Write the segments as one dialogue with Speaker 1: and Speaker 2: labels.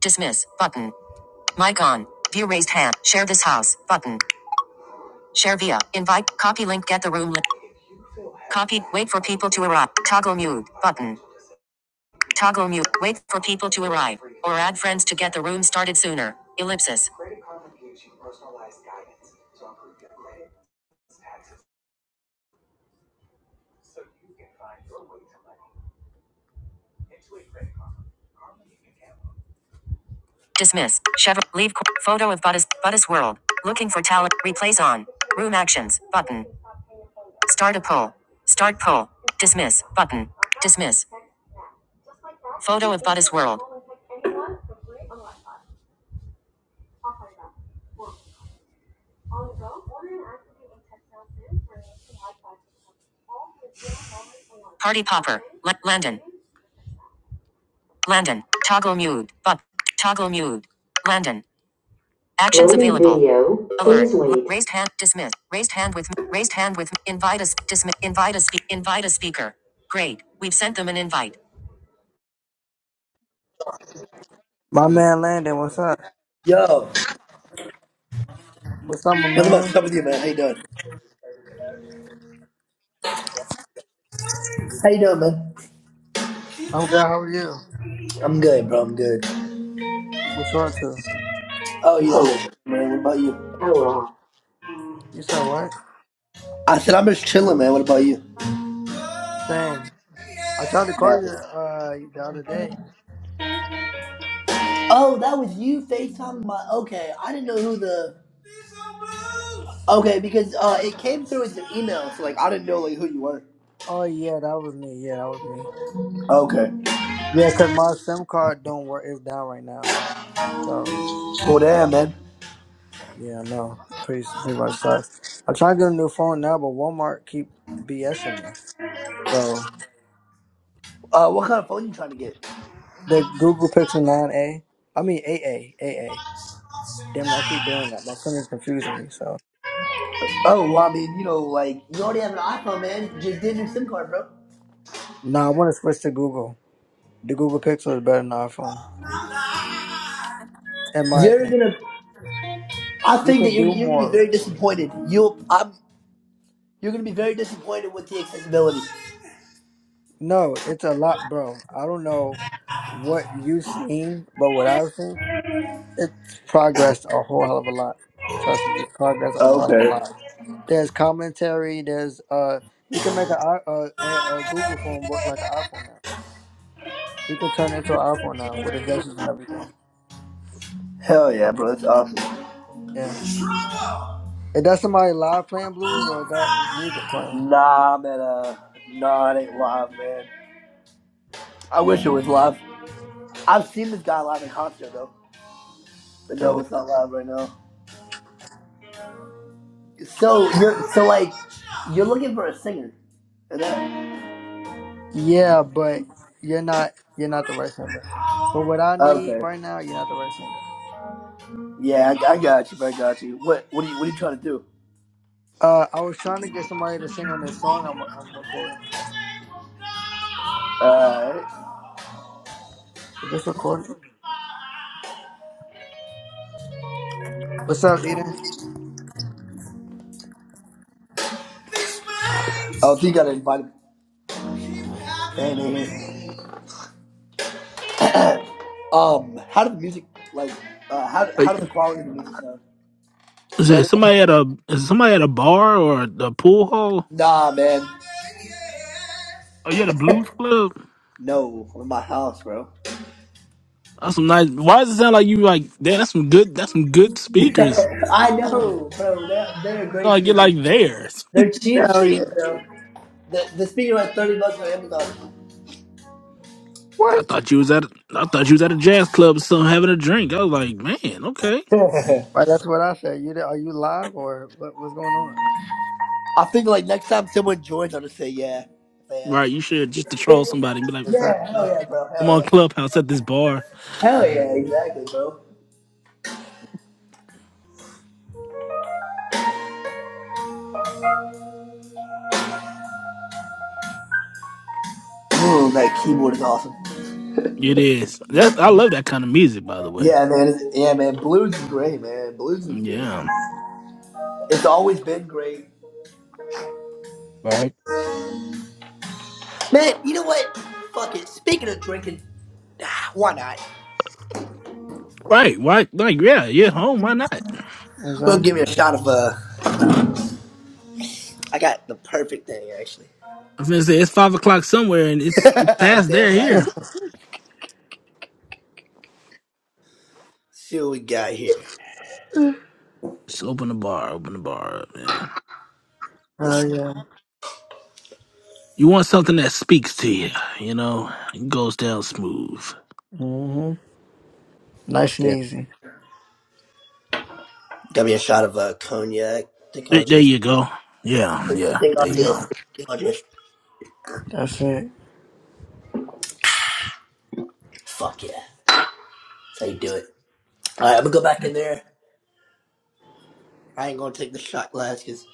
Speaker 1: Dismiss button. Mic on. View raised hand. Share this house button. Share via invite. Copy link. Get the room link. Copy. Wait for people to arrive. Toggle mute button. Toggle mute. Wait for people to arrive or add friends to get the room started sooner. Ellipsis. Dismiss. Chevron. Leave. Photo of Buddhist. Buddhist world. Looking for talent. Replace on. Room actions button. Start a poll. Start poll. Dismiss button. Dismiss. Photo of Buddha's world. Party popper. L- Landon. Landon. Toggle mute. But toggle mute. Landon. Actions Loading available. Video. Alert. Please Raised hand. Dismiss. Raised hand with. Raised hand with. Invite us. Dismiss. Invite us. Spe- Invite a speaker. Great. We've sent them an invite. My man Landon, what's up?
Speaker 2: Yo,
Speaker 1: What's up, my
Speaker 2: nothing much. How
Speaker 1: man?
Speaker 2: with you, man? How you doing? How you doing, man?
Speaker 1: I'm good. How are you?
Speaker 2: I'm good, bro. I'm good.
Speaker 1: What you up to?
Speaker 2: Oh, you know,
Speaker 1: Home.
Speaker 2: man. What about you?
Speaker 1: Power off. You said what?
Speaker 2: I said I'm just chilling, man. What about you? Nice.
Speaker 1: Dang, I tried to call you uh the other day.
Speaker 2: Oh, that was you FaceTime my. Okay, I didn't know who the. Okay, because uh, it came through as an email, so like I didn't know like who you were.
Speaker 1: Oh yeah, that was me. Yeah, that was me.
Speaker 2: Okay.
Speaker 1: Yeah, cause my SIM card don't work. It's down right now. So
Speaker 2: Well, damn, man.
Speaker 1: yeah, no, pretty pretty much sucks. I'm trying to get a new phone now, but Walmart keep BSing me. So
Speaker 2: Uh, what kind of phone you trying to get?
Speaker 1: the Google Pixel 9a, I mean 8a, 8a. Damn it, I keep doing that. My phone is confusing me. So
Speaker 2: Oh, well, I mean, you know, like you already have an iPhone, man. Just get a new SIM card, bro.
Speaker 1: no, I want to switch to Google. The Google Pixel is better than the iPhone, in my
Speaker 2: You're
Speaker 1: opinion.
Speaker 2: gonna. I
Speaker 1: You
Speaker 2: think that
Speaker 1: can
Speaker 2: you're,
Speaker 1: do
Speaker 2: you're gonna be
Speaker 1: more.
Speaker 2: very disappointed. You'll. I'm. You're gonna be very disappointed with the accessibility.
Speaker 1: No, it's a lot, bro. I don't know what you've seen, but what I've seen. It's progressed a whole hell of a lot. Trust me, it's progressed a whole hell of a
Speaker 2: Okay.
Speaker 1: lot. There's commentary. There's uh, you can make a a, a, a Google phone work like an iPhone now. You can turn it into an iPhone now with adjustments and everything.
Speaker 2: Hell yeah, bro. That's awesome.
Speaker 1: Yeah. Is that somebody live playing blues or is that music playing?
Speaker 2: Nah, man. Uh, nah, it ain't live, man. I wish it was live. I've seen this guy live in concert though, but no,
Speaker 1: Dope.
Speaker 2: it's not live right now. So you're so like you're looking for a singer. and that,
Speaker 1: Yeah, but you're not you're not the right singer. But what I need
Speaker 2: Okay.
Speaker 1: right now, you're not the right singer.
Speaker 2: Yeah, I, I got you. I got you. What what are you what are you trying to do?
Speaker 1: Uh, I was trying to get somebody to sing on this song I'm, I'm recording.
Speaker 2: Alright.
Speaker 1: Is this recording? What's up, Eden?
Speaker 2: Oh, so you gotta invite him. And, and- um, how did the music like? Uh, how how
Speaker 3: Like,
Speaker 2: did the quality of the music sound?
Speaker 3: is it
Speaker 1: Saturday?
Speaker 3: somebody at a is somebody at a bar or the pool hall?
Speaker 2: Nah, man.
Speaker 3: Are you at a blues club?
Speaker 2: No, I'm in my house, bro.
Speaker 3: That's some nice. Why does it sound like you like? Damn, that's some good. That's some good speakers.
Speaker 2: I know, bro. They're, they're
Speaker 3: Sound
Speaker 2: great
Speaker 3: Like you're
Speaker 2: speakers.
Speaker 3: like there.
Speaker 2: They're cheap
Speaker 1: Hell
Speaker 3: I
Speaker 1: yeah.
Speaker 2: speakers, bro. The the speaker was thirty bucks on Amazon.
Speaker 1: What?
Speaker 3: thought you was at. I thought you was at a jazz club or something having a drink. I was like, man, okay,
Speaker 1: Right, that's what I said. You are you live or what, what's going on? Like,
Speaker 2: I think like next time someone joins, I'll just say yeah. If they
Speaker 3: right.
Speaker 2: ask.
Speaker 3: You should just to troll somebody and be like,
Speaker 2: yeah, hell
Speaker 1: exactly.
Speaker 2: yeah, bro.
Speaker 3: I'm
Speaker 2: Hell
Speaker 3: on
Speaker 2: yeah.
Speaker 3: Clubhouse at this bar.
Speaker 2: Hell yeah, exactly, bro. Boom, that keyboard is awesome.
Speaker 3: It is. That I love that kind of music, by the way.
Speaker 2: Yeah, man. It's, yeah, man. Blues is great, man. Blues is just.
Speaker 3: Yeah.
Speaker 2: It's always been great.
Speaker 3: Right.
Speaker 2: Man, you know what? Fuck it. Speaking of drinking, ah, why not?
Speaker 3: Right. Why? Like, yeah. Yeah. Home. Why not?
Speaker 2: Well, give
Speaker 1: Exactly.
Speaker 2: me a shot of uh. I got the perfect thing actually.
Speaker 3: I was gonna say it's five o'clock somewhere, and it's it's past
Speaker 2: Damn
Speaker 3: there
Speaker 2: right.
Speaker 3: here.
Speaker 2: See what we got here.
Speaker 3: Just open the bar. Open the bar, up, man.
Speaker 2: Yes.
Speaker 1: Hell yeah.
Speaker 3: You want something that speaks to you, you know? It goes down smooth.
Speaker 1: hmm Nice and
Speaker 2: Damn.
Speaker 1: easy.
Speaker 2: Got me a shot of uh, cognac. I Think
Speaker 3: There,
Speaker 2: I'll
Speaker 3: there
Speaker 2: just.
Speaker 3: you go.
Speaker 2: I
Speaker 3: Yeah,
Speaker 2: think
Speaker 3: yeah.
Speaker 2: They
Speaker 3: There
Speaker 2: got
Speaker 3: you
Speaker 1: hmm
Speaker 3: go.
Speaker 2: this. I'll just
Speaker 1: That's it.
Speaker 2: Fuck yeah. That's how you do it. Alright, I'm gonna go back in there. I ain't gonna take the shot glass because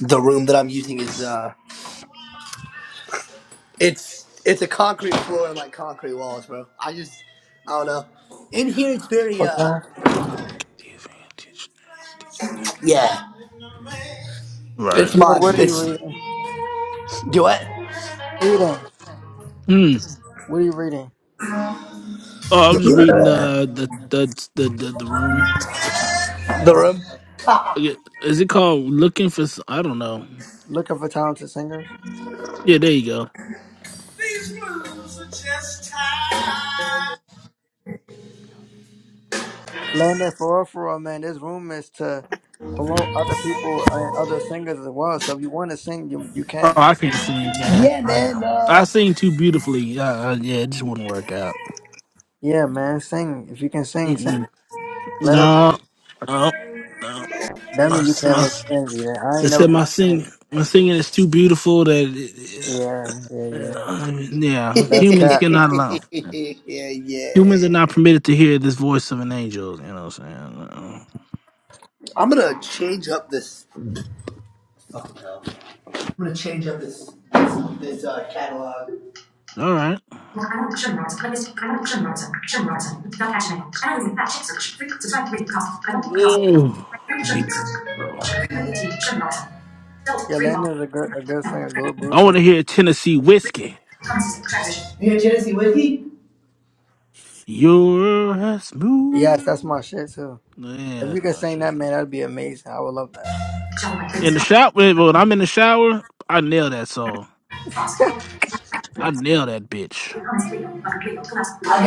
Speaker 2: the room that I'm using is,
Speaker 3: Yes.
Speaker 2: uh, it's, it's a concrete floor and like concrete walls, bro. I just, I don't know. In here, it's very, uh,
Speaker 1: Okay.
Speaker 2: yeah.
Speaker 3: Right.
Speaker 2: It's
Speaker 1: Eden,
Speaker 2: mine.
Speaker 1: what are you
Speaker 2: It's,
Speaker 1: reading?
Speaker 2: do what?
Speaker 1: Eden,
Speaker 3: Hmm.
Speaker 1: what are you reading?
Speaker 3: Oh, I'm just reading the the the the the, the room.
Speaker 2: The
Speaker 1: Oh,
Speaker 2: room?
Speaker 3: Okay, Is it called looking for? S- I don't know.
Speaker 1: looking for talented singers.
Speaker 3: Yeah, there you go.
Speaker 2: These moves are just time.
Speaker 1: Learn for real, for real, man. This room is to promote other people and other singers as well. So if you want to sing, you you
Speaker 3: Oh,
Speaker 1: can.
Speaker 3: I can't sing, man.
Speaker 2: Yeah, man.
Speaker 3: I I
Speaker 2: Uh...
Speaker 3: sing too beautifully. Uh, uh, yeah, it just wouldn't work out.
Speaker 1: Yeah, man, sing. If you can sing, sing.
Speaker 3: Mm-mm.
Speaker 1: Let it.
Speaker 3: No, no, no.
Speaker 1: That
Speaker 3: My,
Speaker 1: means you can't
Speaker 3: my,
Speaker 1: really sing. Eden. I
Speaker 3: they
Speaker 1: ain't
Speaker 3: said my
Speaker 1: never.
Speaker 3: sing my singing is too beautiful that
Speaker 1: Yeah, yeah, yeah.
Speaker 3: uh, yeah,
Speaker 1: That's
Speaker 3: humans
Speaker 1: cat.
Speaker 3: cannot allow.
Speaker 2: yeah, yeah.
Speaker 3: Humans are not permitted to hear this voice of an angel. You know what I'm
Speaker 2: I'm gonna change up this up and I'm gonna change up this, this, this, uh, catalog.
Speaker 3: saying? Uh, All right. Ooh, gee.
Speaker 1: Yolanda's a good, a good singer, good
Speaker 3: I
Speaker 1: blues
Speaker 3: want
Speaker 1: singer.
Speaker 3: to hear Tennessee whiskey.
Speaker 2: Here, Jesse, Wiki?
Speaker 3: You're as
Speaker 1: Yes, that's
Speaker 3: smooth.
Speaker 1: my shit too.
Speaker 3: Yeah,
Speaker 1: If you
Speaker 3: that's
Speaker 1: could
Speaker 3: my
Speaker 1: sing
Speaker 3: shit.
Speaker 1: that, man, that'd be amazing. I would love that.
Speaker 2: Show my
Speaker 3: In
Speaker 2: things
Speaker 3: the shower, when I'm in the shower, I nail that song.
Speaker 2: cost. Action
Speaker 3: I
Speaker 2: rods.
Speaker 3: nail that bitch.
Speaker 2: Constantly, but I'm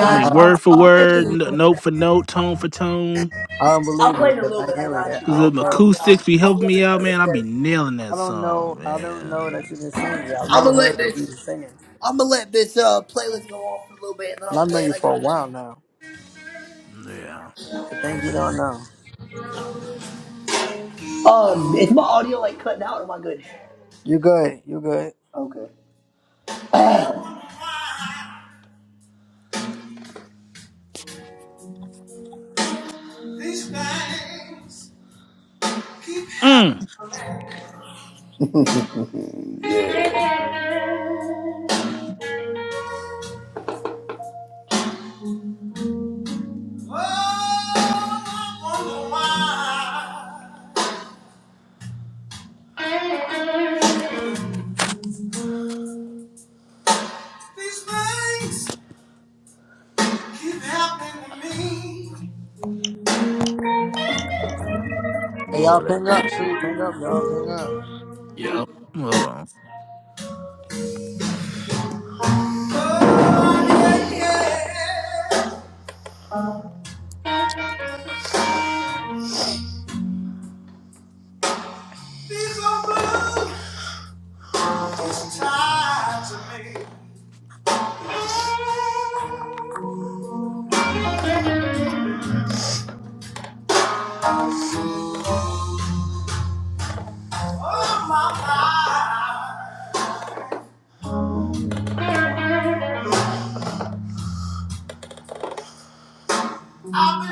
Speaker 3: I mean,
Speaker 1: Uh,
Speaker 3: word for word, n- note for note, tone for tone.
Speaker 1: I don't believe you because I ain't hear it yet.
Speaker 3: Cause
Speaker 1: I
Speaker 3: the
Speaker 1: don't know.
Speaker 3: acoustics be helping me out, man. I be nailing
Speaker 1: I
Speaker 3: that
Speaker 1: don't know.
Speaker 3: song,
Speaker 1: I don't know that
Speaker 3: man.
Speaker 1: you can sing. yet. I've never
Speaker 2: gonna let
Speaker 1: heard of you
Speaker 2: this
Speaker 1: singing,
Speaker 2: I'm gonna let this uh playlist go off for a little bit and then
Speaker 1: and
Speaker 2: I'll
Speaker 1: I've
Speaker 2: play
Speaker 1: known
Speaker 2: it.
Speaker 1: you
Speaker 2: I
Speaker 1: for a
Speaker 2: got
Speaker 1: while
Speaker 2: you.
Speaker 1: now.
Speaker 3: Yeah.
Speaker 1: The things you don't know.
Speaker 2: Um, is my audio like cutting out? Or am I good?
Speaker 1: You good? You good?
Speaker 2: Okay. These things keep
Speaker 3: Mm.
Speaker 2: happening. Oh, I wonder why these things keep happening to me.
Speaker 1: Hey, y'all
Speaker 3: Lord have
Speaker 1: ping up
Speaker 3: mercy.
Speaker 1: too. Ping up, y'all. Ping up.
Speaker 3: Yep. Hold on.
Speaker 2: Oh, yeah, yeah. These are blue. It's tied to me. Oh, my God. I've been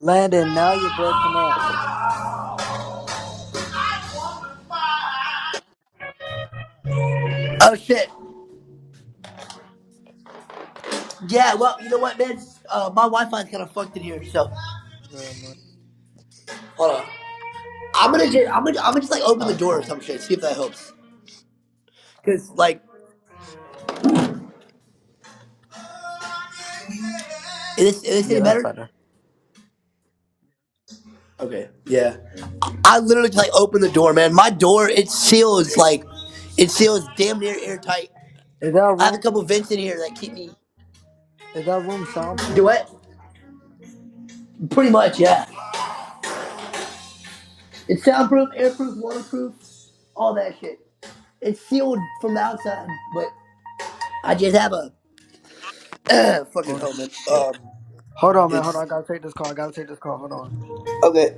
Speaker 1: Landon, now you're breaking up.
Speaker 2: Oh shit. Yeah, well, you know what, man? Uh, my Wi-Fi's kind of fucked in here, so
Speaker 1: Yeah, man.
Speaker 2: hold on. I'm gonna just, I'm gonna, I'm gonna just like open
Speaker 1: All
Speaker 2: the
Speaker 1: right,
Speaker 2: door or
Speaker 1: cool.
Speaker 2: some shit. See if that helps. Cause like, is this, is this
Speaker 1: Yeah,
Speaker 2: any
Speaker 1: that's
Speaker 2: better?
Speaker 1: better.
Speaker 2: Okay. Yeah. I literally just like opened the door, man. My door it seals like, it seals damn near airtight.
Speaker 1: Is that
Speaker 2: I have a
Speaker 1: room?
Speaker 2: couple vents in here that keep me.
Speaker 1: Is that room
Speaker 2: Do
Speaker 1: soundproof?
Speaker 2: what? Pretty much, yeah. It's soundproof, airproof, waterproof, all that shit. It's sealed from the outside, but I just have a fucking
Speaker 1: Oh
Speaker 2: helmet.
Speaker 1: shit.
Speaker 2: Um,
Speaker 1: Hold on, man. Hold
Speaker 2: it's
Speaker 1: on. I gotta take this call. I gotta take this call. Hold on.
Speaker 2: okay.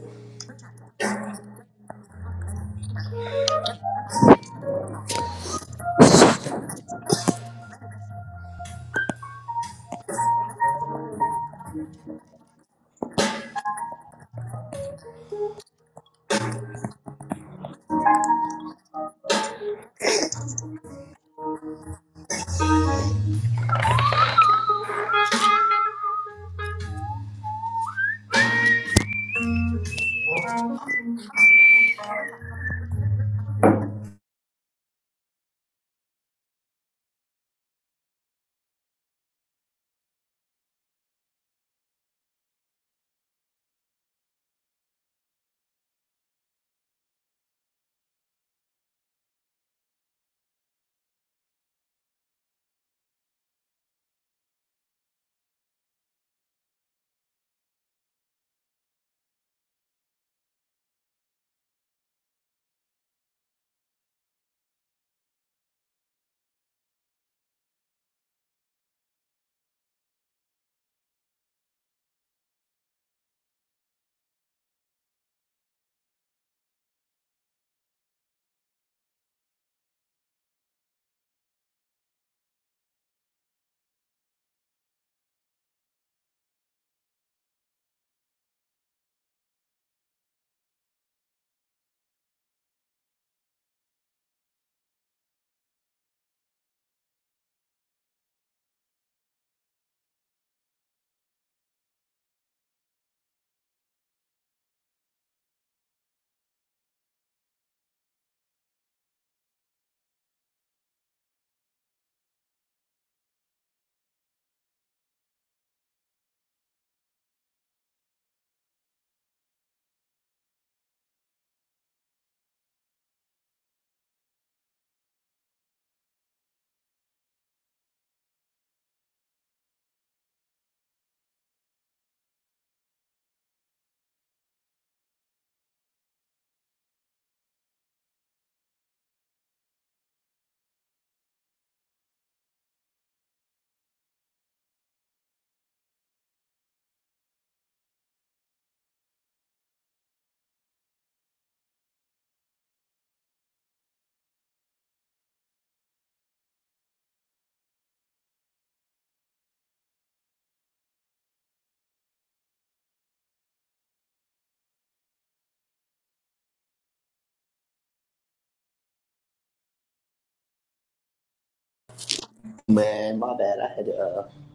Speaker 2: Man, my bad. I had to, uh,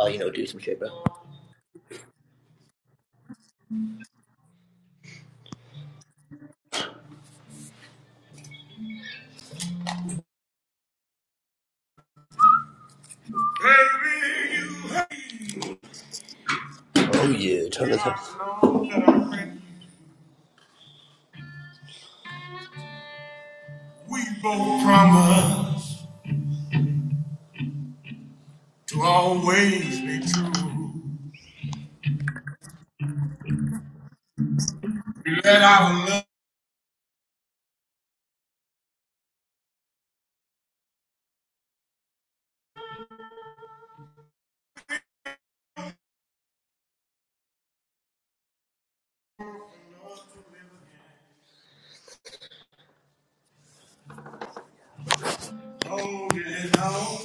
Speaker 2: uh you know, do some shit, bro. Baby, you Oh yeah, turn this up. We both promise to always be true. Let our love hold it on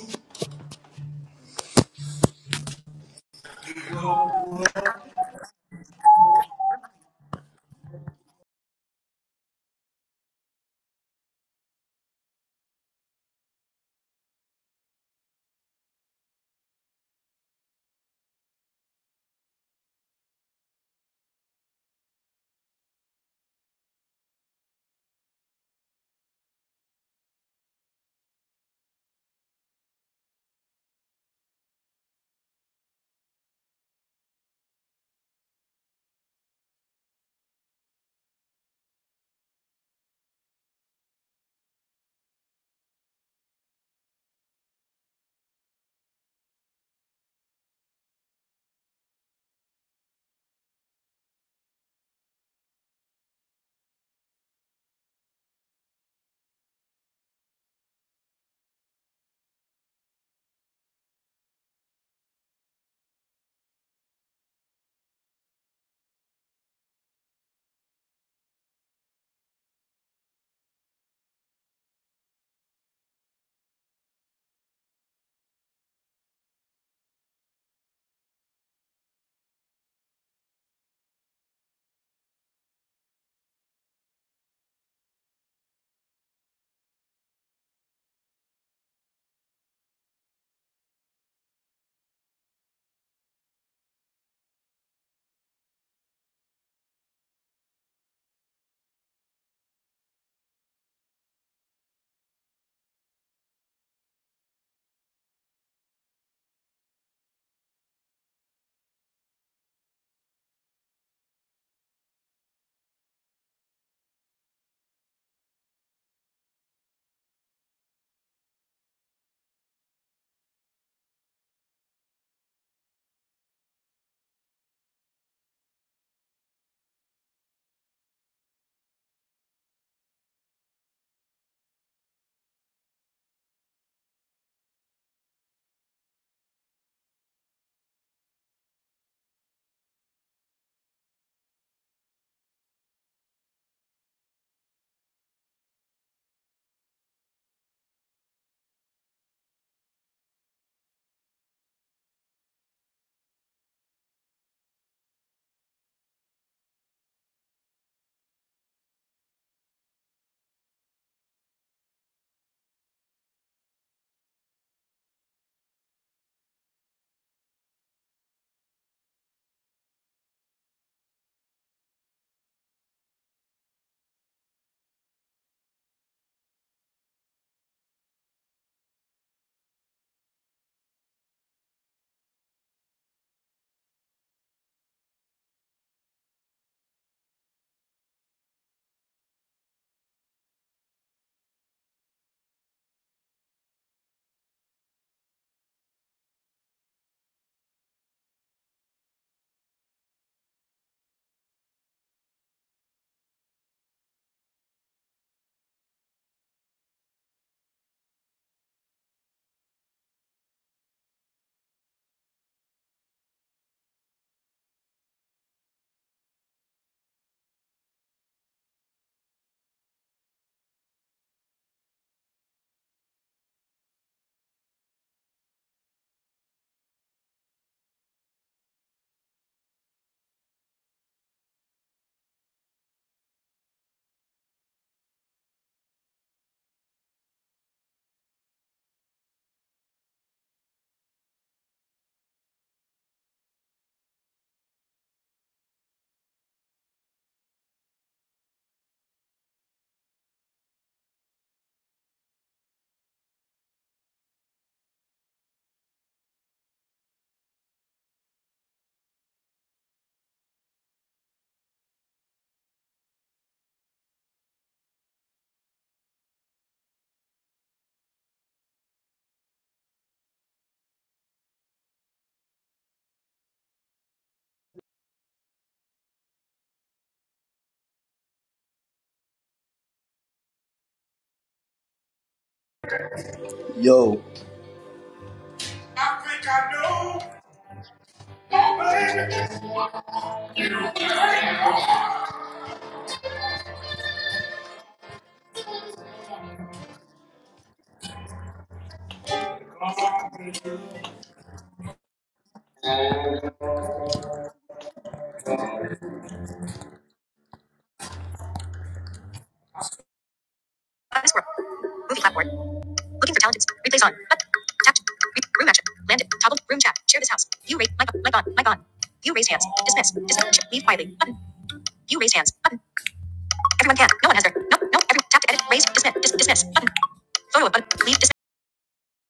Speaker 2: Yo. I think I know. this world. Movie platform. Looking for talented. Replays on. Up. Tapped. room action. Landed. Toggled. Room chat. Share this house. You rate. Like. on. Like on. Like on. You raise hands. Dismiss. Dismiss. Leave quietly. Button. You raise hands. Button. Everyone can. No one has their. No, no. Every tap to edit. Raise. Dismiss. Dis, dismiss. Button. Photo of button. Leave. Dismiss.